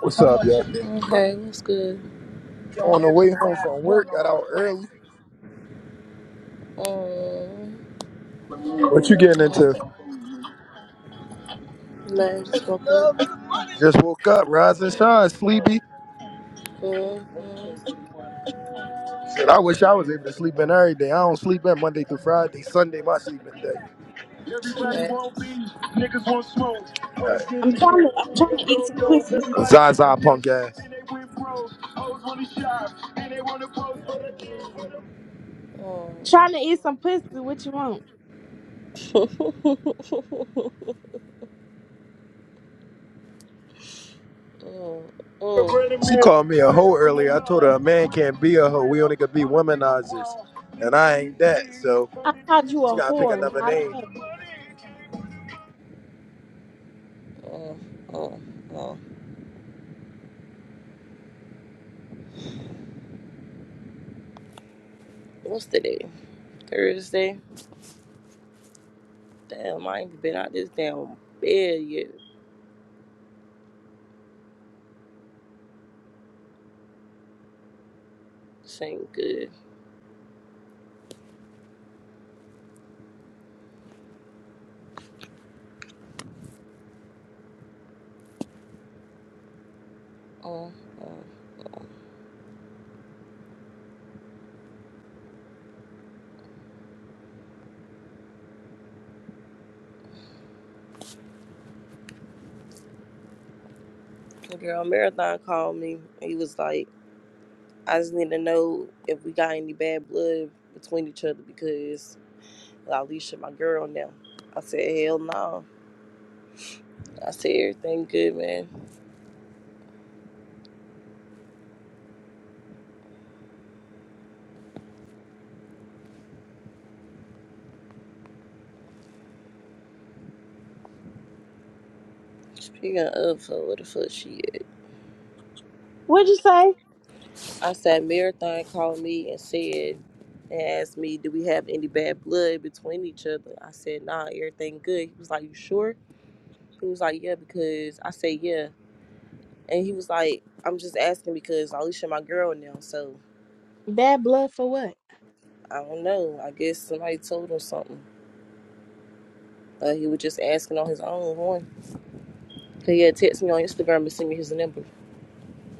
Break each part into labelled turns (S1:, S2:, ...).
S1: What's up, y'all?
S2: Mm, Hey, what's good?
S1: On the way home from work, got out early.
S2: Mm-hmm.
S1: What you getting into?
S2: Like, just woke up.
S1: Just woke up, rise and shine, sleepy.
S2: mm Mm.
S1: Shit, I wish I was able to sleep in every day. I don't sleep in Monday through Friday. Sunday, my sleeping day.
S2: Thanks.
S1: Right.
S3: I'm trying to I'm trying to eat some pussy. What you want?
S1: Zaza punk ass.
S2: mm
S3: I'm trying to eat some pussy. What you want?
S2: Mm. Mm.
S1: She called me a hoe earlier. I told her a man can't be a hoe. We only could be womanizers. And I ain't that, so
S3: I called you
S1: she
S3: a
S1: gotta pick
S3: whore,
S1: another
S3: not a
S1: name.
S3: hoe.
S2: Mm. Mm. mm. What's today? Thursday? Damn, I ain't been out this damn bed yet. This ain't good. Mm-hmm. The girl Marathon called me. He was like, I just need to know if we got any bad blood between each other because Alicia, my girl now. I said, hell no. I said everything good, man. Speaking of her, what the fuck she at?
S3: What'd you say?
S2: I said Marathon called me and said and asked me, do we have any bad blood between each other? I said, nah, everything good. He was like, you sure? He was like, yeah, because I said, yeah. And he was like, I'm just asking because Alicia my girl now, so
S3: Bad blood for what?
S2: I don't know. I guess somebody told him something. Uh, he was just asking on his own horn. He had texted me on Instagram and sent me his number.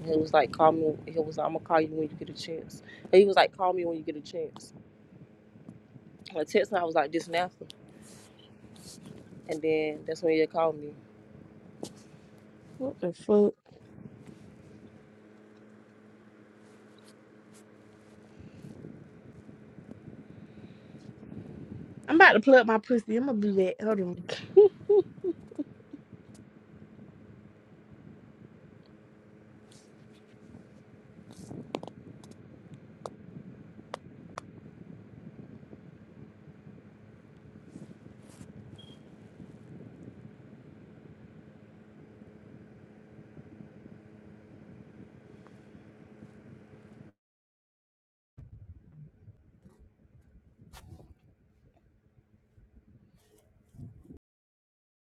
S2: He was like, call me. He was like, I'm gonna call you when you get a chance. And he was like, call me when you get a chance. I texted him. I was like, this and after. And then that's when he had called me.
S3: What the fuck? I'm about to plug my pussy. I'm gonna do that. Hold on.